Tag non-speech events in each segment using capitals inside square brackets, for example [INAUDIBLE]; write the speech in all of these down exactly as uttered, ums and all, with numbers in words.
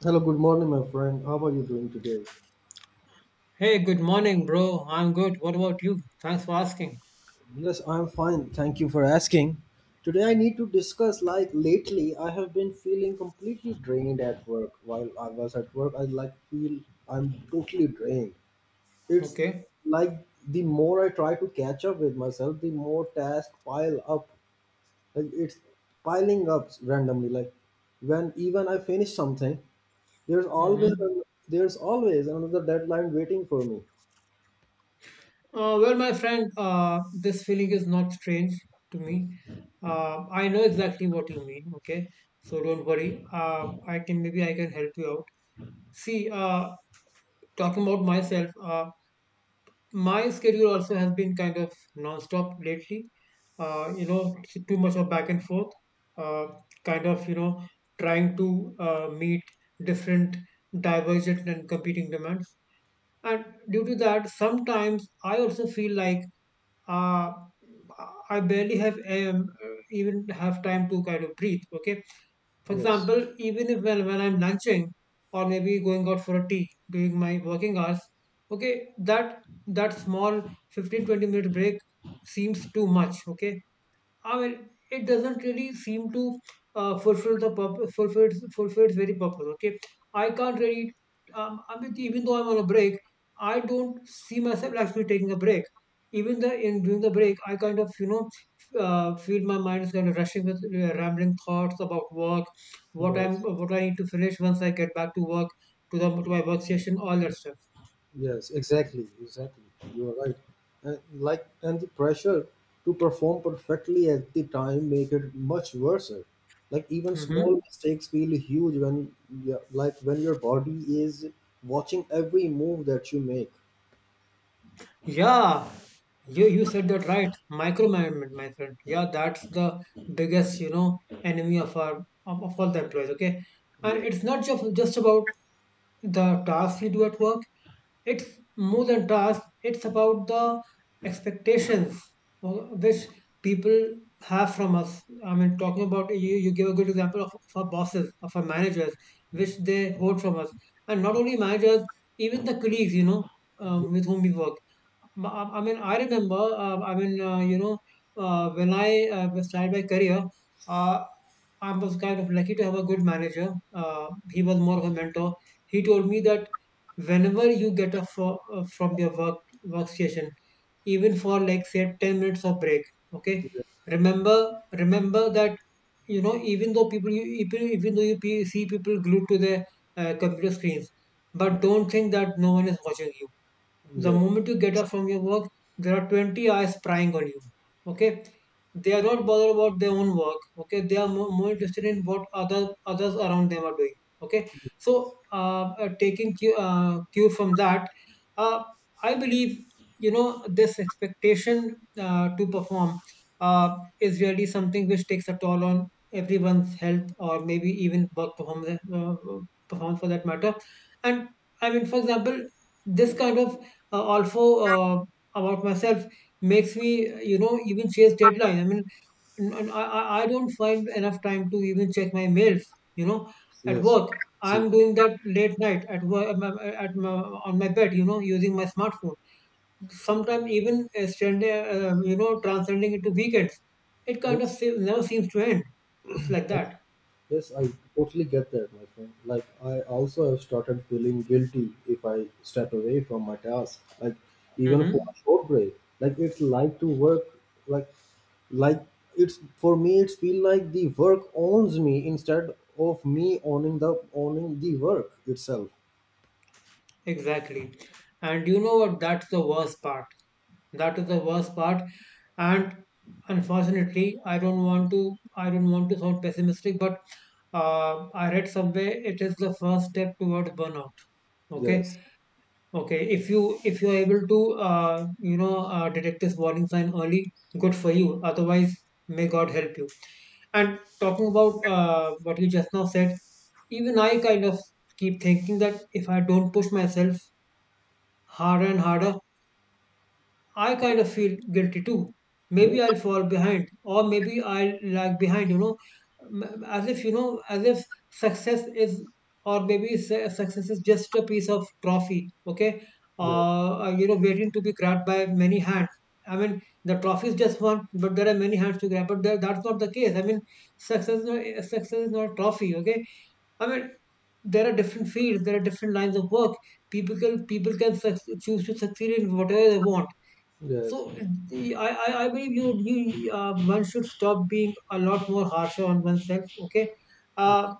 Hello, good morning, my friend. How are you doing today? Hey, good morning, bro. I'm good. What about you? Thanks for asking. Yes, I'm fine. Thank you for asking. Today, I need to discuss like lately, I have been feeling completely drained at work. While I was at work, I like feel I'm totally drained. It's Okay. like the more I try to catch up with myself, the more tasks pile up. Like it's piling up randomly. Like when even I finish something, there's always Mm-hmm. there's always another deadline waiting for me. Uh, well, my friend, uh, this feeling is not strange to me. Uh, I know exactly what you mean. Okay. So don't worry. Uh, I can Maybe I can help you out. See, uh, talking about myself, uh, my schedule also has been kind of non-stop lately. Uh, you know, Too much of back and forth. Uh, Kind of, you know, trying to uh, meet different divergent and competing demands, and due to that sometimes I also feel like uh, I barely have um, uh, even have time to kind of breathe. Okay, for Yes, example, even if when, when I'm lunching or maybe going out for a tea during my working hours. Okay, that that small fifteen twenty minute break seems too much. Okay, I mean, it doesn't really seem to uh, fulfill the purpose, fulfill its, fulfill its very purpose. Okay, I can't really. Um, I mean, even though I'm on a break, I don't see myself actually taking a break. Even the in during the break, I kind of you know f- uh, feel my mind is kind of rushing with uh, rambling thoughts about work, what I'm yes. what I need to finish once I get back to work to the to my work station, all that stuff. Yes, exactly, exactly. You are right. And like and the pressure to perform perfectly at the time make it much worse. Like even small Hmm. mistakes feel huge when yeah, like when your body is watching every move that you make. Yeah, you you said that right. Micromanagement, my friend. Yeah, that's the biggest, you know, enemy of our of, of all the employees. Okay, Yes. and it's not just just about the tasks we do at work. It's more than task, it's about the expectations, uh, which people have from us. I mean, talking about you, you give a good example of, of our bosses, of our managers, which they hold from us. And not only managers, even the colleagues, you know, um, with whom we work. M- I I mean, I remember, uh, I mean, uh, you know, uh, when I uh, was started my career, uh, I was kind of lucky to have a good manager. Uh, he was more of a mentor. He told me that whenever you get a fro- uh, from your work workstation, even for like say ten minutes of break. Okay, Yes. remember remember that, you know, even though people you even, even though you pe- see people glued to their uh, computer screens, but don't think that no one is watching you. The Yes. moment you get up from your work, there are twenty eyes prying on you. Okay? They are not bothered about their own work. Okay? They are more, more interested in what other others around them are doing. Okay? So, uh, uh, taking cue, uh, cue from that, uh, I believe, you know, this expectation, uh, to perform, uh, is really something which takes a toll on everyone's health or maybe even work performance, uh, performance for that matter. And I mean, for example, this kind of, uh, also, uh, about myself makes me, you know, even chase deadline. I mean, n- n- I, I I don't find enough time to even check my mails, you know, at Yes. work. See. I'm doing that late night at work at my, at my, on my bed, you know, using my smartphone, sometimes even uh, standing, uh, you know transcending into weekends. It kind of Yes. se- never seems to end. It's like that. Yes, I totally get that, my friend. Like, I also have started feeling guilty if I step away from my task, like even for Hmm. a short break. Like, it's like to work, like, like it's for me. It's feel like the work owns me instead of me owning the owning the work itself. Exactly. And you know what? That's the worst part. That is the worst part. And unfortunately, I don't want to I don't want to sound pessimistic, but uh, I read somewhere it is the first step towards burnout. Okay, Yes, okay. If you if you are able to uh, you know uh, detect this warning sign early, good for you. Otherwise, may God help you. And talking about uh, what you just now said, even I kind of keep thinking that if I don't push myself harder and harder. I kind of feel guilty too. yes, Maybe I'll fall behind, or maybe I'll lag behind, you know, m- as if, you know, as if success is, or maybe su- success is just a piece of trophy. Okay, yes, uh, you know, waiting to be grabbed by many hands. I mean, the trophy is just one, but there are many hands to grab. But that- that's not the case. I mean, success is not, success is not a trophy, okay? I mean, there are different fields, there are different lines of work. People can people can suc- choose to succeed in whatever they want. yes, So, the, I, I, I believe you, you uh, one should stop being a lot more harsher on oneself, okay, uh,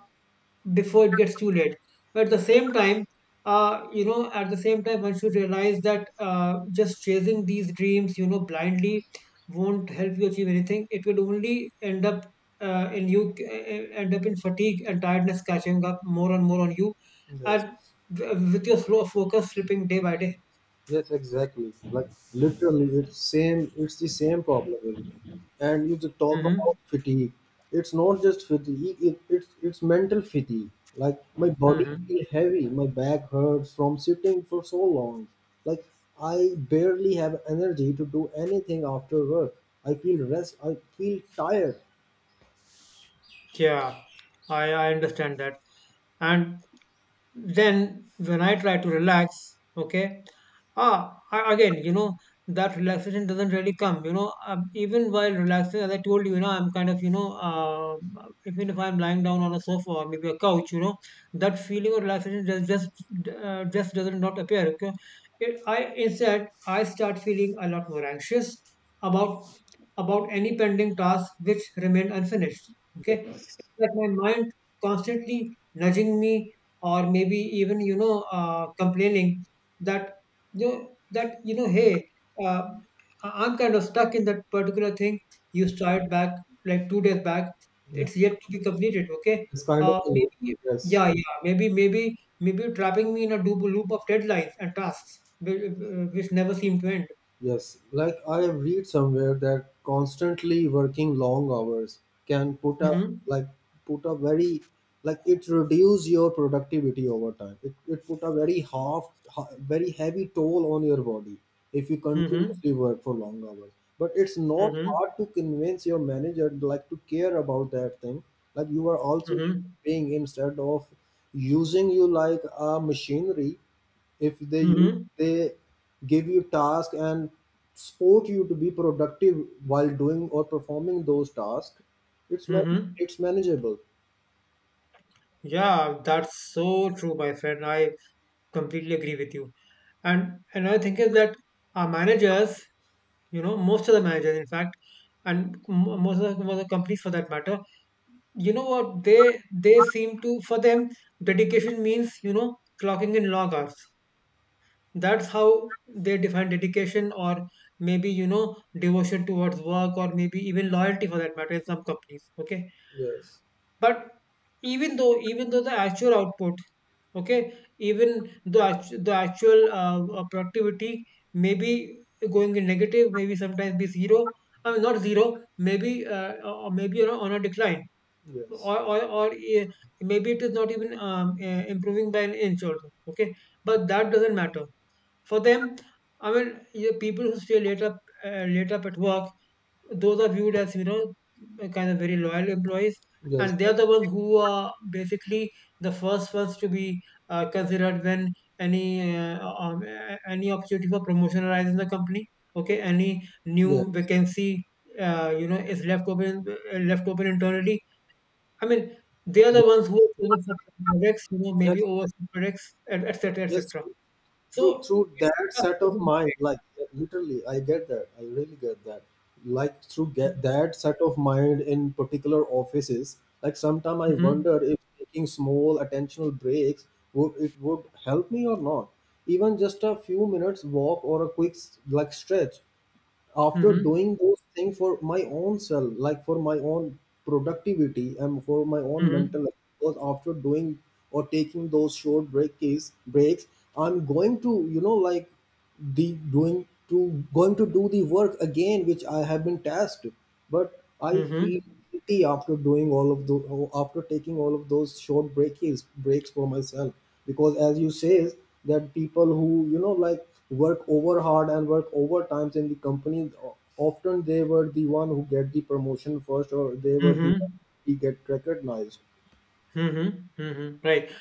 before it gets too late. But at the same time, uh, you know, at the same time, one should realize that uh, just chasing these dreams, you know, blindly won't help you achieve anything. It will only end up uh, in you, uh, end up in fatigue and tiredness catching up more and more on you, yes. and w- with your slow focus slipping day by day. Yes, exactly. Like literally, it's same. It's the same problem with me. And you just talk Mm-hmm. about fatigue. It's not just fatigue. It, it's it's mental fatigue. Like my body Mm-hmm. feel heavy. My back hurts from sitting for so long. Like I barely have energy to do anything after work. I feel rest. I feel tired. Yeah, I, I understand that. And then when I try to relax, okay, ah, a- again, you know, that relaxation doesn't really come. You know, um, even while relaxing, as I told you, you know, I'm kind of, you know, uh, even if I'm lying down on a sofa or maybe a couch, you know, that feeling of relaxation just just uh, just doesn't not appear. Okay, it, I instead I start feeling a lot more anxious about about any pending tasks which remain unfinished. Yeah, Okay, it's like my mind constantly nudging me, or maybe even, you know uh, complaining that, you know, that you know, hey, uh, I- I'm kind of stuck in that particular thing you started back like two days back. yeah. It's yet to be completed. Okay, It's kind of uh, a loop. maybe, Yes. yeah yeah maybe maybe maybe you're trapping me in a loop, loop of deadlines and tasks whi- uh, which never seem to end. Yes, like I have read somewhere that constantly working long hours can put up Mm-hmm. like put a very like it reduce your productivity over time. It, it put a very half ha- very heavy toll on your body if you Mm-hmm. continuously work for long hours. But it's not Mm-hmm. hard to convince your manager like to care about that thing. Like you are also Mm-hmm. paying instead of using you like a machinery if they u- Mm-hmm. they give you task and support you to be productive while doing or performing those tasks it's man- Mm-hmm. it's manageable. Yeah, that's so true, my friend. I completely agree with you. And another thing is that our managers, you know, most of the managers, in fact, and m- most of the, most of the companies for that matter, you know what, they they seem to, for them dedication means, you know, clocking in long hours. That's how they define dedication, or maybe, you know, devotion towards work, or maybe even loyalty for that matter in some companies. Okay, Yes, but even though even though the actual output, okay, even the act- the actual uh, uh, productivity may be going in negative, maybe sometimes be zero. I mean, not zero, maybe, uh, or maybe, you know, on a decline, yes, or or, or uh, maybe it is not even um, uh, improving by an inch also. Okay, but that doesn't matter for them. I mean, you people who stay late up, uh, late up at work, those are viewed as, you know, kind of very loyal employees, yes, and they yes, are the ones who are basically the first ones to be uh, considered when any uh, um, a- any opportunity for promotion arises in the company. Okay, any new yes, vacancy, uh, you know is left open, uh, left open internally. I mean, they are the yes, ones who are chosen for projects, you know, maybe yes, overseas projects, et cetera. et yes. cetera. Through So through it's. that set of mind like literally i get that I really get that like through get that set of mind in particular offices like sometimes I Mm-hmm, wonder if taking small attentional breaks would it would help me or not. Even just a few minutes walk or a quick s- like stretch after mm-hmm, doing those things for my own self like for my own productivity and for my own mm-hmm, mental health, because after doing or taking those short breaks breaks I'm going to you know like the doing to going to do the work again which I have been tasked, but I feel mm-hmm. guilty after doing all of those, after taking all of those short breaks breaks for myself because as you say that people who you know like work over hard and work overtimes in the company o- often they were the one who get the promotion first or they were the one Mm-hmm. who get recognized. Mm-hmm. Mm-hmm. Right.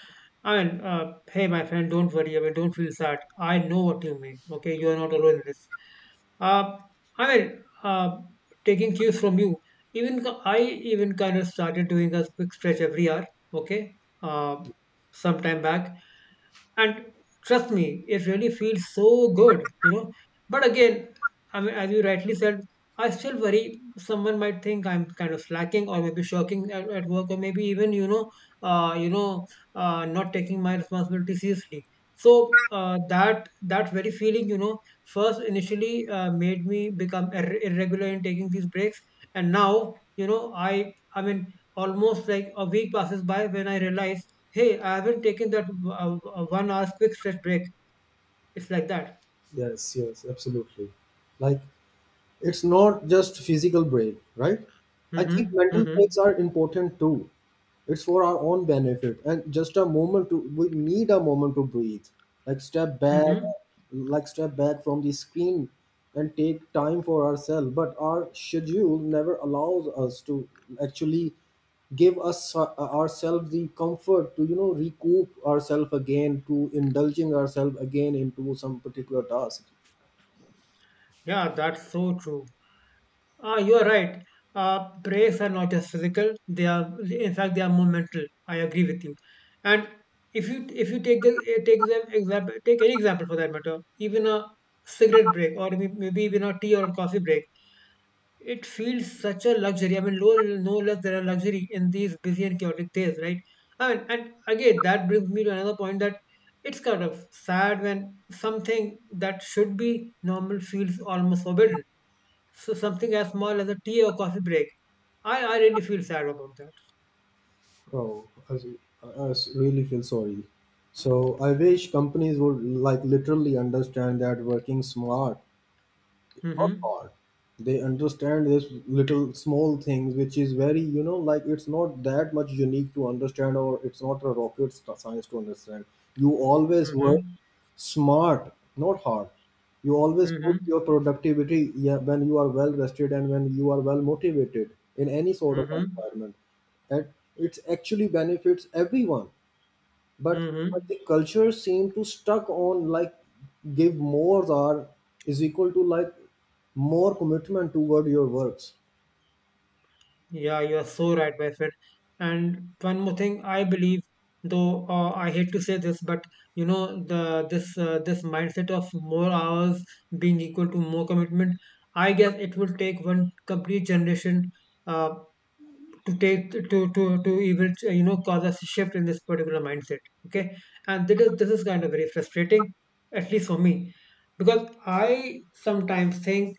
I mean, uh, hey, my friend, don't worry. I mean, don't feel sad. I know what you mean. Okay, you are not alone in this. Uh, I mean, uh, taking cues from you, even co- I even kind of started doing a quick stretch every hour. Okay, uh, some time back, and trust me, it really feels so good, you know. But again, I mean, as you rightly said, I still worry someone might think I'm kind of slacking or maybe shirking at, at work or maybe even, you know, uh, you know, uh, not taking my responsibility seriously. So, uh, that that very feeling, you know, first initially, uh, made me become ir- irregular in taking these breaks, and now, you know, I I mean, almost like a week passes by when I realize, hey, I haven't taken that uh, uh, one hour fixed set break. It's like that. Yes, yes, absolutely. Like it's not just physical break, right? I think Mm-hmm. mental Mm-hmm. breaks are important too. It's for our own benefit and just a moment to we need a moment to breathe. Like step back, Mm-hmm. like step back from the screen and take time for ourselves. But our schedule never allows us to actually give us uh, ourselves the comfort to you know recoup ourselves again to indulging ourselves again into some particular task. Yeah, that's so true. Ah, you're right. Uh, breaks are not just physical. They are, in fact, they are more mental. I agree with you. And if you if you take the eh, take them example, take any example for that matter, even a cigarette break or may- maybe even a tea or a coffee break, it feels such a luxury. I mean, no, no less than a luxury in these busy and chaotic days, right? I mean, and again, that brings me to another point that it's kind of sad when something that should be normal feels almost forbidden. So something as small as a tea or coffee break. I, I really feel sad about that. Oh, I see. I I s- really feel sorry. So I wish companies would like literally understand that working smart not Mm-hmm. hard. They understand this little small things, which is very, you know, like it's not that much unique to understand, or it's not a rocket st- science to understand. You always work Mm-hmm. smart, not hard. You always put Mm-hmm. your productivity yeah, when you are well rested and when you are well motivated in any sort of Mm-hmm. environment. And it actually benefits everyone, but but Mm-hmm. the culture seem to stuck on like give more or is equal to like more commitment toward your works. Yeah, you are so right, my friend. And one more thing, I believe, though uh, I hate to say this, but you know the this uh, this mindset of more hours being equal to more commitment. I guess it will take one complete generation. Uh, to take to to to even you know cause a shift in this particular mindset, okay. And this is this is kind of very frustrating, at least for me, because I sometimes think,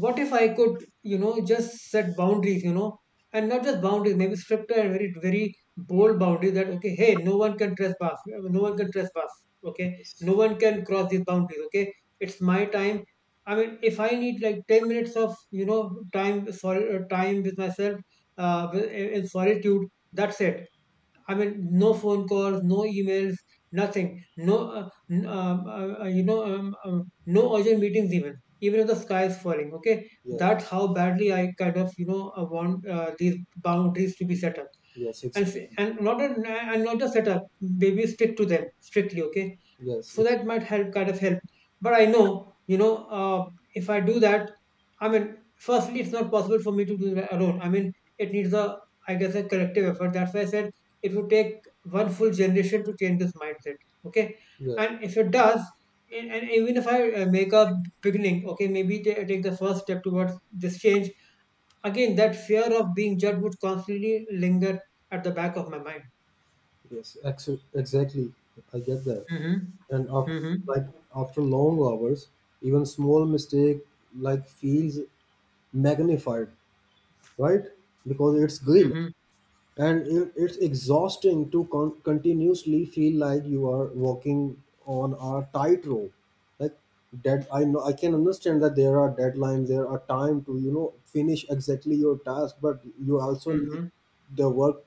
what if I could, you know, just set boundaries, you know, and not just boundaries, maybe stricter and very, very bold boundaries that, okay, hey, no one can trespass, uh, no one can trespass, okay, Yes, no one can cross these boundaries, okay, it's my time. I mean, if I need like ten minutes of, you know, time, sorry, uh, time with myself, uh, in in solitude. That's it. I mean, no phone calls, no emails, nothing. No, uh, n- um, uh, uh, you know, um, um, No urgent meetings even. Even if the sky is falling, okay. yes, That's how badly I kind of, you know, uh, want uh, these boundaries to be set up, yes ex- and s- and not a, and not just set up. Maybe stick to them strictly, okay, yes, so yes, that might help, kind of help. But I know, you know uh, if I do that, I mean, firstly it's not possible for me to do that alone. I mean, it needs a, I guess, a collective effort. That's why I said it would take one full generation to change this mindset, okay. yes, And if it does, and, and even if I uh, make a beginning, okay, maybe ta- take the first step towards this change, again that fear of being judged would constantly linger at the back of my mind. yes, ex- exactly I get that. Mm-hmm. And after Mm-hmm. like after long hours even small mistake like feels magnified, right? Because it's guilt Mm-hmm. and it, it's exhausting to con- continuously feel like you are walking on a tightrope like dead. I know I can understand that there are deadlines, there are time to you know finish exactly your task, but you also need Mm-hmm. the work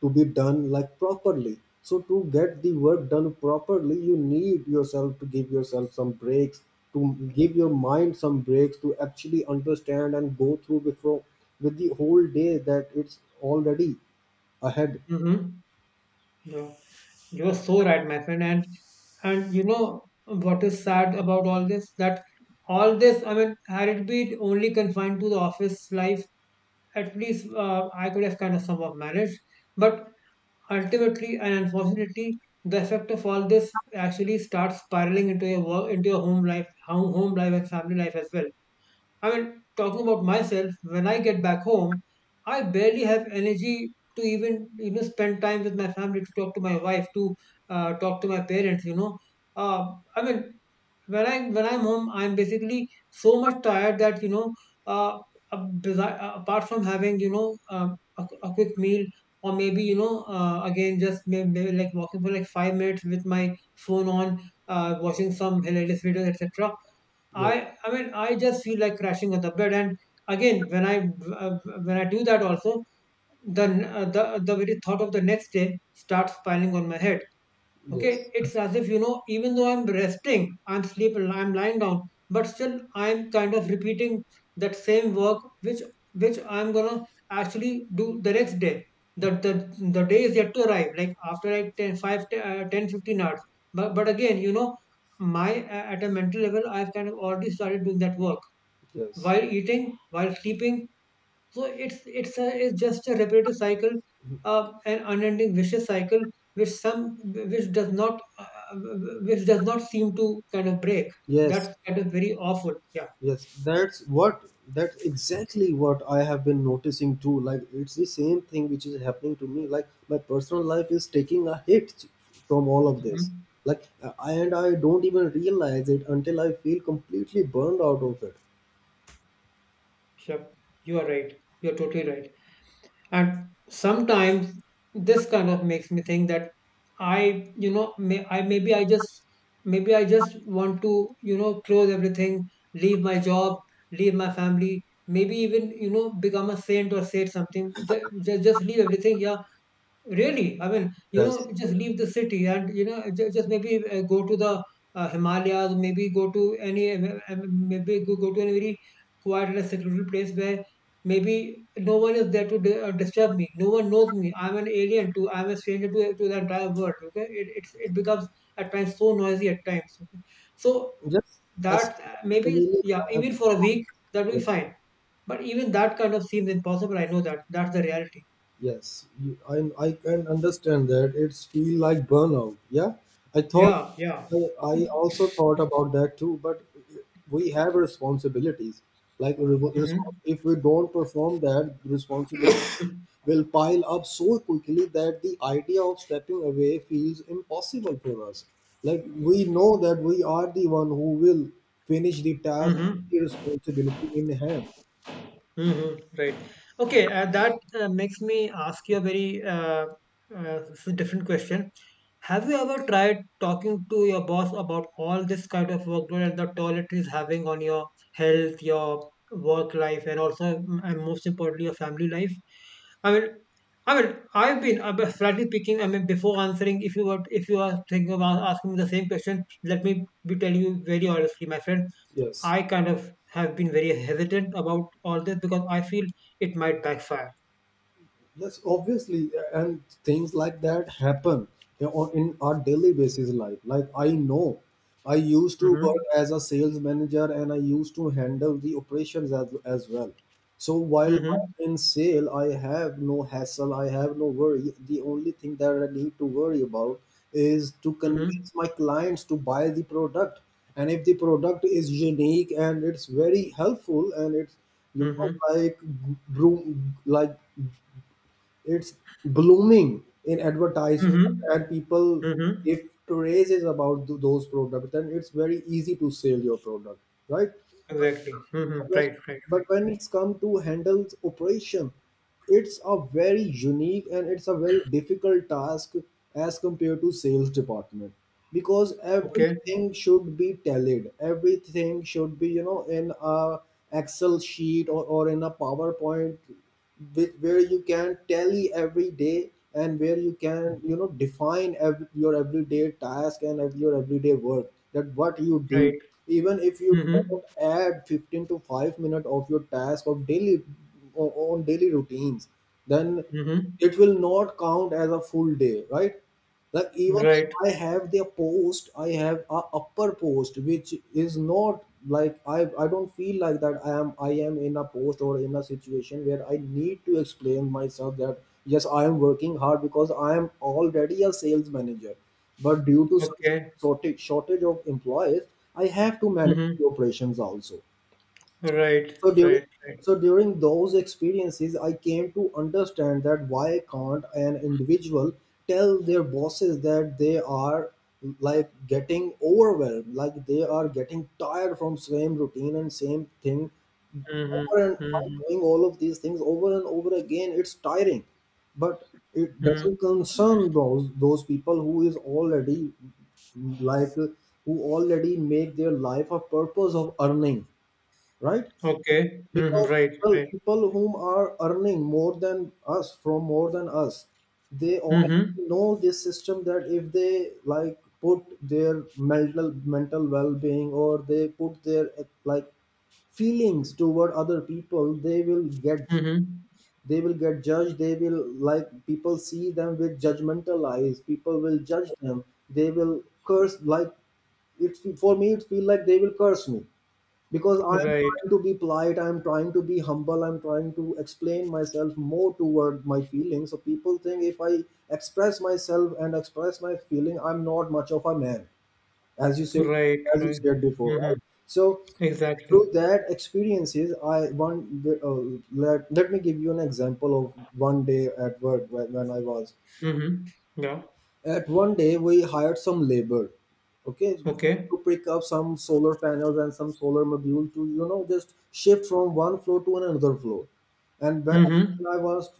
to be done like properly. So to get the work done properly you need yourself to give yourself some breaks to give your mind some breaks to actually understand and go through before with the whole day that it's already ahead. Mm-hmm. Yeah, you are so right, my friend. And and you know what is sad about all this? That all this, I mean, had it been only confined to the office life, at least uh, I could have kind of somewhat managed. But ultimately and unfortunately, the effect of all this actually starts spiraling into your work, into your home life, home home life and family life as well. I mean, talking about myself, when I get back home, I barely have energy to even you know spend time with my family, to talk to my wife, to uh, talk to my parents. You know, uh, I mean, when I when I'm home, I'm basically so much tired that you know, uh, a besi- uh, apart from having you know um, a, a quick meal or maybe you know uh, again just maybe, maybe like walking for like five minutes with my phone on, uh, watching some hilarious videos, et cetera. I Yes, I mean I just feel like crashing on the bed. And again, when I uh, when I do that also, the uh, the the very thought of the next day starts piling on my head. Okay, yes, it's absolutely, as if, you know, even though I'm resting, I'm sleeping, I'm lying down, but still I'm kind of repeating that same work which which I'm gonna actually do the next day. The the, the day is yet to arrive, like after like ten, five, ten, uh, ten, fifteen hours. But but again, you know, my uh, at a mental level, I've kind of already started doing that work yes, while eating, while sleeping. So it's it's a, it's just a repetitive cycle, uh, an unending vicious cycle, which some which does not, uh, which does not seem to kind of break. That's yes, kind of very awful. Yeah. yes. That's what that's exactly what I have been noticing too. Like it's the same thing which is happening to me. Like my personal life is taking a hit from all of this. Hmm. Like uh, I and I don't even realize it until I feel completely burned out of it. Sure. You are right. You are totally right. And sometimes this kind of makes me think that, I you know may I maybe I just, maybe I just want to, you know close everything, leave my job, leave my family, maybe even, you know become a saint or say something, just, just leave everything. Yeah. Really, I mean, you Yes, know, just leave the city and, you know, just, just maybe uh, go to the uh, Himalayas, maybe go to any, uh, uh, maybe go, go to any very quiet and a secluded place where maybe no one is there to di- uh, disturb me. No one knows me. I'm an alien to, I'm a stranger to to the entire world. Okay, it it's, it becomes at times so noisy at times. Okay, so yes, as that uh, I maybe, really yeah, I have even for a week that will be yes. fine. But even that kind of seems impossible. I know that. That's the reality. Yes, you, I I can understand that. It's feel like burnout. Yeah, I thought Yeah, yeah. I, I also thought about that too. But we have responsibilities. Like a re- respons- Hmm. if we don't perform that, responsibility will pile up so quickly that the idea of stepping away feels impossible for us. Like we know that we are the one who will finish the task, the Mm-hmm. responsibility in hand. Mm-hmm. Right. Okay. Uh, that uh, makes me ask you a very uh, uh, s- different question. Have you ever tried talking to your boss about all this kind of workload and the toll it is having on your health, your work life, and also, mm, and most importantly, your family life? I mean, I mean, I've been, I've been slightly picking. I mean, before answering, if you were, if you are thinking about asking me the same question, let me be telling you very honestly, my friend. Yes. I kind of have been very hesitant about all this because I feel it might backfire. Yes, obviously, and things like that happen you know, on- in our daily basis life. Like I know, I used to Mm-hmm. work as a sales manager and I used to handle the operations as, as well. So while Mm-hmm. I'm in sale, I have no hassle, I have no worry. The only thing that I need to worry about is to Mm-hmm. convince my clients to buy the product. And if the product is unique and it's very helpful and it's you know Mm-hmm. like broom like it's blooming in advertising, Mm-hmm. and people, Mm-hmm. if praise is about th- those products, then it's very easy to sell your product, right? Exactly. But Mm-hmm. when Right, right, but when right. it's come to handle operation, it's a very unique and it's a very difficult task as compared to sales department, because Okay. everything should be tallied, everything should be you know in a excel sheet or, or in a PowerPoint whi- where you can tally every day and where you can you know define ev- your everyday task and ev- your everyday work that what you do. Right. Even if you Mm-hmm. don't add fifteen to five minutes of your task of daily o- on daily routines then Mm-hmm. it will not count as a full day, right? Like even Right. I have their post, I have a upper post which is not like i i don't feel like that i am i am in a post or in a situation where I need to explain myself that yes I am working hard because I am already a sales manager, but due to some Okay. shortage shortage of employees I have to manage Mm-hmm. the operations also. Right. So during Right. Right. so during those experiences, I came to understand that why can't an individual tell their bosses that they are like getting overwhelmed, like they are getting tired from same routine and same thing Mm-hmm. over and by Mm-hmm. doing all of these things over and over again, it's tiring. But it Mm-hmm. doesn't concern those those people who is already like who already make their life a purpose of earning, right? Okay. Mm-hmm. Because Right. well, Right. people whom are earning more than us from more than us they Mm-hmm. already know this system that if they like put their mental mental well-being or they put their eh, like feelings toward other people they will get Mm-hmm. they will get judged. They will like people see them with judgmental eyes, people will judge them, they will curse like it for me it feel like they will curse me because I am Right. trying to be polite, I am trying to be humble, I'm trying to explain myself more toward my feelings. So people think if I express myself and express my feeling, I'm not much of a man, as you said, Right. as you Right. said before, right? Mm-hmm. So Exactly. through that experiences, I one uh, let let me give you an example of one day at work when, when I was. Mm-hmm. Yeah. At one day, we hired some labor, okay, Okay. to pick up some solar panels and some solar module to, you know, just shift from one floor to another floor. And when Mm-hmm. I was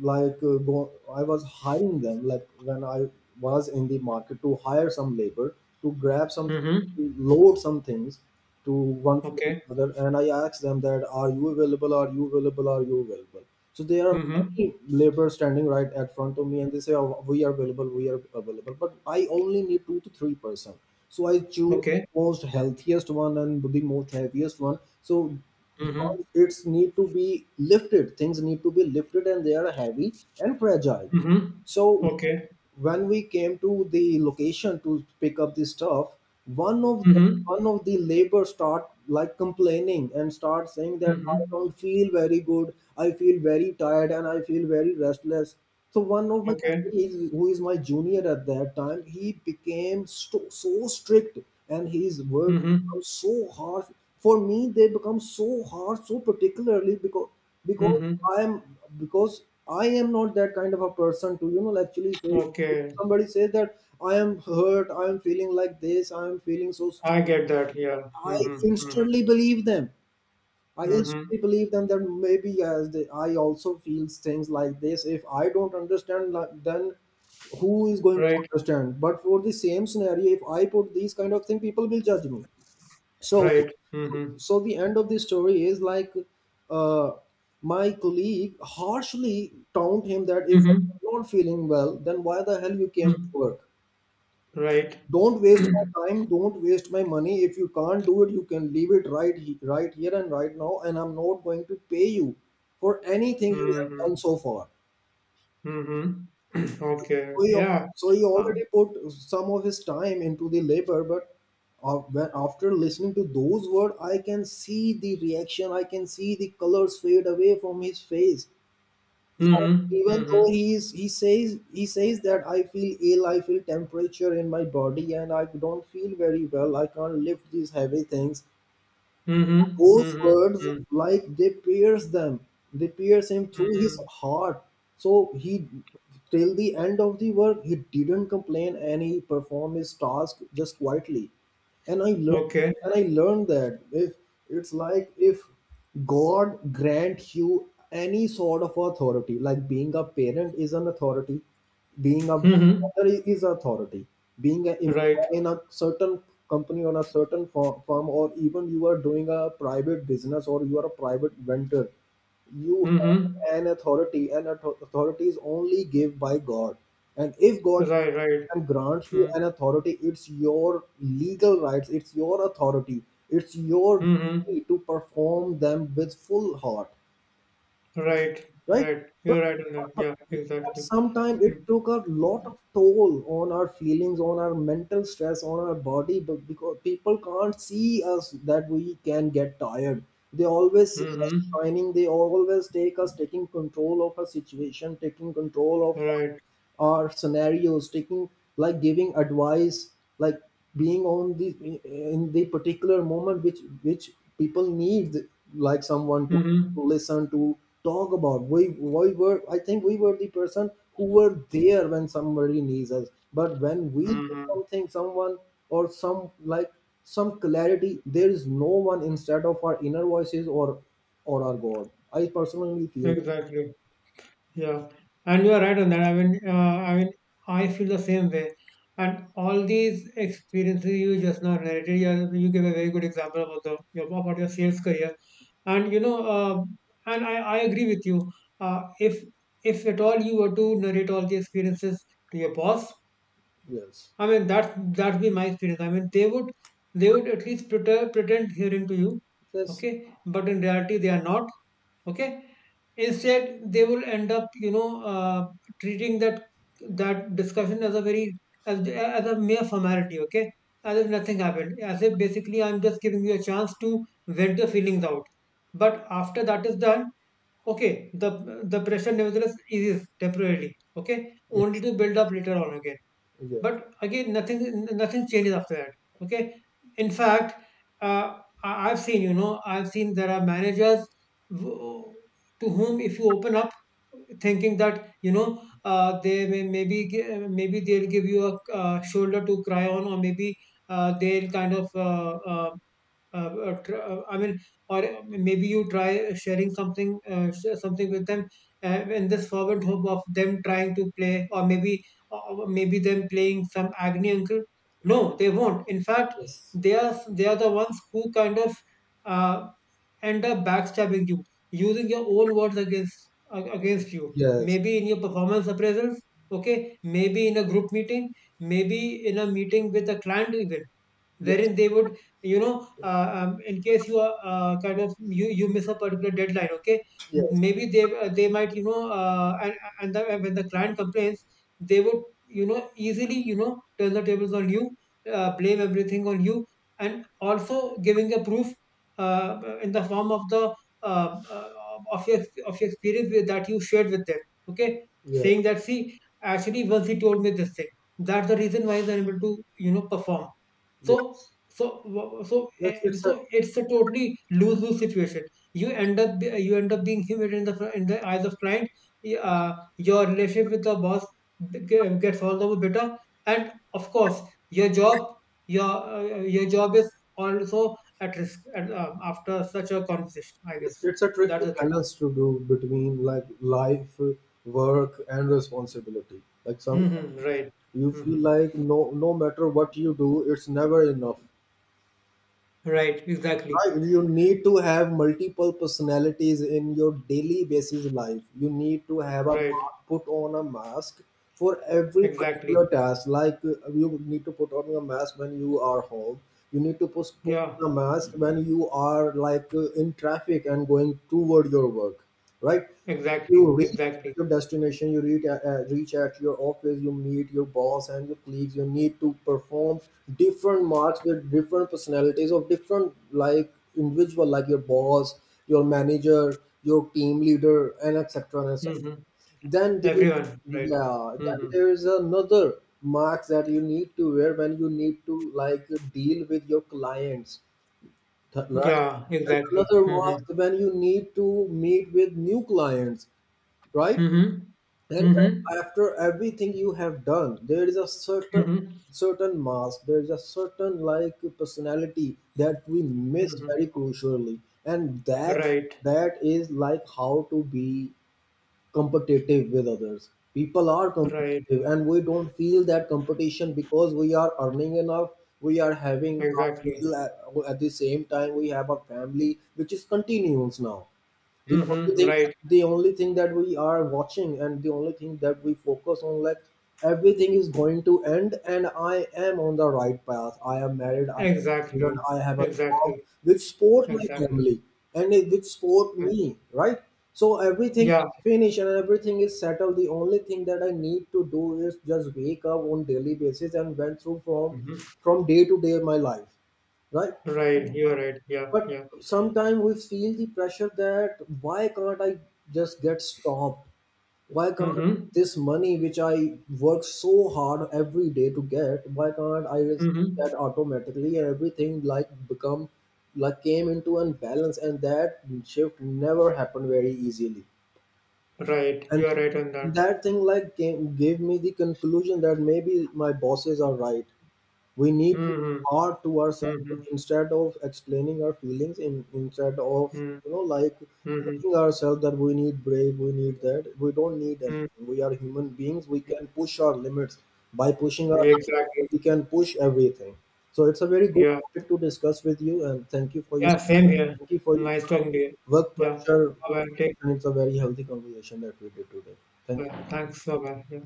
like, uh, go, I was hiring them, like when I was in the market to hire some labor to grab some Mm-hmm. load some things to one from Okay. another. And I ask them, that "are you available? Are you available? Are you available?" So there are Mm-hmm. many laborers standing right at front of me and they say, "Oh, we are available, we are available," but I only need two to three person. So I choose Okay. most healthiest one and the most heaviest one, so because Mm-hmm. it's need to be lifted, things need to be lifted and they are heavy and fragile. Mm-hmm. So Okay. when we came to the location to pick up the stuff, one of the, Mm-hmm. one of the labor start like complaining and start saying that, "I Mm-hmm. don't feel very good, I feel very tired and I feel very restless." So one of my Okay. colleagues, who is my junior at that time, he became so, so strict and his word Mm-hmm. become so harsh. For me they become so harsh, so particularly because because Mm-hmm. i am because I am not that kind of a person to, you know, like, actually say Okay. somebody says that, "I am hurt, I am feeling like this, I am feeling so st-" I get that. Yeah. i Mm-hmm. Mm-hmm. instantly believe them I Mm-hmm. instantly believe them that maybe yes they, I also feel things like this. If I don't understand, like, then who is going to Right. understand? But for the same scenario, if I put these kind of thing, people will judge me. so Right. Mm-hmm. so the end of the story is like, uh, my colleague harshly taunted him that, "If Mm-hmm. you're not feeling well, then why the hell you came Mm. to work? Right. Don't waste my time, don't waste my money. If you can't do it, you can leave it right he- right here and right now, and I'm not going to pay you for anything you have done Mm-hmm. so far." Mm-hmm. [CLEARS THROAT] Okay. So he, al- Yeah. so he Uh, already put some of his time into the labor, but uh, when, after listening to those words, I can see the reaction. I can see the colors fade away from his face. Even, mm-hmm. even Mm-hmm. though he is, he says he says that, "I feel ill, I feel temperature in my body, and I don't feel very well. I can't lift these heavy things." Mm-hmm. Those words, Mm-hmm. like, they pierce them, they pierce him through his Mm-hmm. heart. So he, till the end of the work, he didn't complain and he performed his task just quietly. And i learned Okay. and I learned that if, it's like, if God grant you any sort of authority, like being a parent is an authority, being a Mm-hmm. other I- is authority. Being an Right. employee in a certain company, on a certain fir- firm, or even you are doing a private business or you are a private vendor, you Mm-hmm. have an authority, and author- authority is only given by God. And if God Right. Right. and grants you Mm-hmm. an authority, it's your legal rights, it's your authority, it's your Mm-hmm. duty to perform them with full heart, Right, right? right. But, You're right on but, that. Yeah, but exactly. sometimes it took a lot of toll on our feelings, on our mental stress, on our body. But because people can't see us that we can get tired, they always see us Mm-hmm. shining. They always take us taking control of a situation, taking control of Right. or scenarios, taking, like, giving advice, like, being on the, in the particular moment which which people need, like, someone to, Mm-hmm. to listen to, talk about. We we were I think we were the person who were there when somebody needs us, but when we need Mm-hmm. something, someone, or some, like, some clarity, there is no one instead of our inner voices or or our God, I personally feel. Exactly. Yeah. And you're right on that. I mean, uh, I mean, I feel the same way. And all these experiences you just now narrated, you, you give a very good example about the your, about your sales career. And you know, uh, and I, I agree with you. Uh, if if at all you were to narrate all the experiences to your boss, Yes, I mean, that's that's been my experience. I mean, they would, they would at least pretend, pretend hearing to you, yes, okay, but in reality they are not, okay. Instead, they will end up, you know, uh, treating that that discussion as a very, as, as a mere formality, okay, as if nothing happened, as if basically I'm just giving you a chance to vent your feelings out. But after that is done, okay, the the pressure nevertheless eases temporarily, okay, only yes, to build up later on again. yes, But again, nothing, nothing changes after that. Okay. In fact, uh, I- I've seen, you know, I've seen there are managers who, to whom if you open up thinking that, you know, uh, they may maybe gi- maybe they'll give you a uh, shoulder to cry on, or maybe uh, they'll kind of uh, uh, uh, uh, tr- uh, I mean, or uh, maybe you try sharing something, uh, share something with them, uh, in this fervent hope of them trying to play, or maybe, or maybe them playing some agony uncle. No, they won't. In fact, yes. they are they are the ones who kind of uh, end up backstabbing you, using your own words against, ag- against you. Yes, Maybe in your performance appraisals, okay. Maybe in a group meeting, maybe in a meeting with a client even, yes, wherein they would, you know uh, um, in case you are, uh, kind of you you miss a particular deadline, okay, yes, maybe they, uh, they might, you know uh, and and the, when the client complains, they would, you know easily, you know turn the tables on you, uh, blame everything on you, and also giving a proof, uh, in the form of the, uh, uh, of your, of your experience with, that you shared with them, okay, yeah, saying that, see, actually once he told me this thing, that's the reason why he's unable to, you know perform. so yes. so wha- so eh, Yes, it's so a it's a totally lose lose situation. You end up be- you end up being humid in the fr- in the eyes of client. Y- Uh, your relationship with the boss ge- gets all the more better, and of course your job, your uh, your job is also at risk, and, um, after such a conversation. I it's, guess it's a tricky that's the thing. balance to do between, like, life, work, and responsibility. Like sometimes Mm-hmm, right. you feel Mm-hmm. like no no matter what you do, it's never enough. Right. Exactly. Right, you need to have multiple personalities in your daily basis life. You need to have a Right. ma- put on a mask for every Exactly. particular task. Like uh, you need to put on a mask when you are home. You need to put put Yeah. on a mask when you are, like, uh, in traffic and going toward your work. Right, you Exactly. reach Exactly. your destination, you reach, uh, uh, reach at your office, you meet your boss and your colleagues, you need to perform different marks with different personalities of different, like, individual, like your boss, your manager, your team leader, and etc and etc. Mm-hmm. then there, Everyone, right. yeah, then Mm-hmm. there is another marks that you need to wear when you need to, like, deal with your clients, th- right? Yeah, There's exactly. another mark Mm-hmm. when you need to meet with new clients, right? Mm-hmm. Then Mm-hmm. after everything you have done, there is a certain Mm-hmm. certain mask, there is a certain, like, personality that we miss Mm-hmm. very crucially. And that Right, that is like how to be competitive with others. People are right. competitive and we don't feel that competition because we are earning enough, we are having a Exactly. meal at, at the same time we have a family which is continuous now. the only Mm-hmm. thing Right. the only thing that we are watching and the only thing that we focus on, like, everything is going to end, and I am on the right path, I am married, I have children, Exactly. I have a job Exactly. which support my Exactly. family, and it which support me, right? So everything is Yeah. finished and everything is settled. The only thing that I need to do is just wake up on daily basis and went through from Mm-hmm. from day to day my life, right? Right. You're right. Yeah. But Yeah. sometimes we feel the pressure that, why can't I just get stopped? Why can't Mm-hmm. this money which I work so hard every day to get, why can't I receive that Mm-hmm. automatically, and everything, like, become, like, came into an balance, and that shift never happened very easily. Right. And You're right on that. that thing, like, came, gave me the conclusion that maybe my bosses are right. We need to be Mm-hmm. hard to ourselves Mm-hmm. instead of explaining our feelings in, instead of, Mm-hmm. you know, like, Mm-hmm. telling ourselves that we need break, we need that. We don't need anything. We are human beings. We can push our limits. By pushing our limits, Exactly. we can push everything. So it's a very good Yeah. topic to discuss with you, and thank you for your Yeah. Same here. thank you for your Nice talking to you. work Yeah. pressure, Bye-bye. Take. and it's a very healthy conversation that we did today. Thank you. Yeah, thanks. Bye bye. Yeah.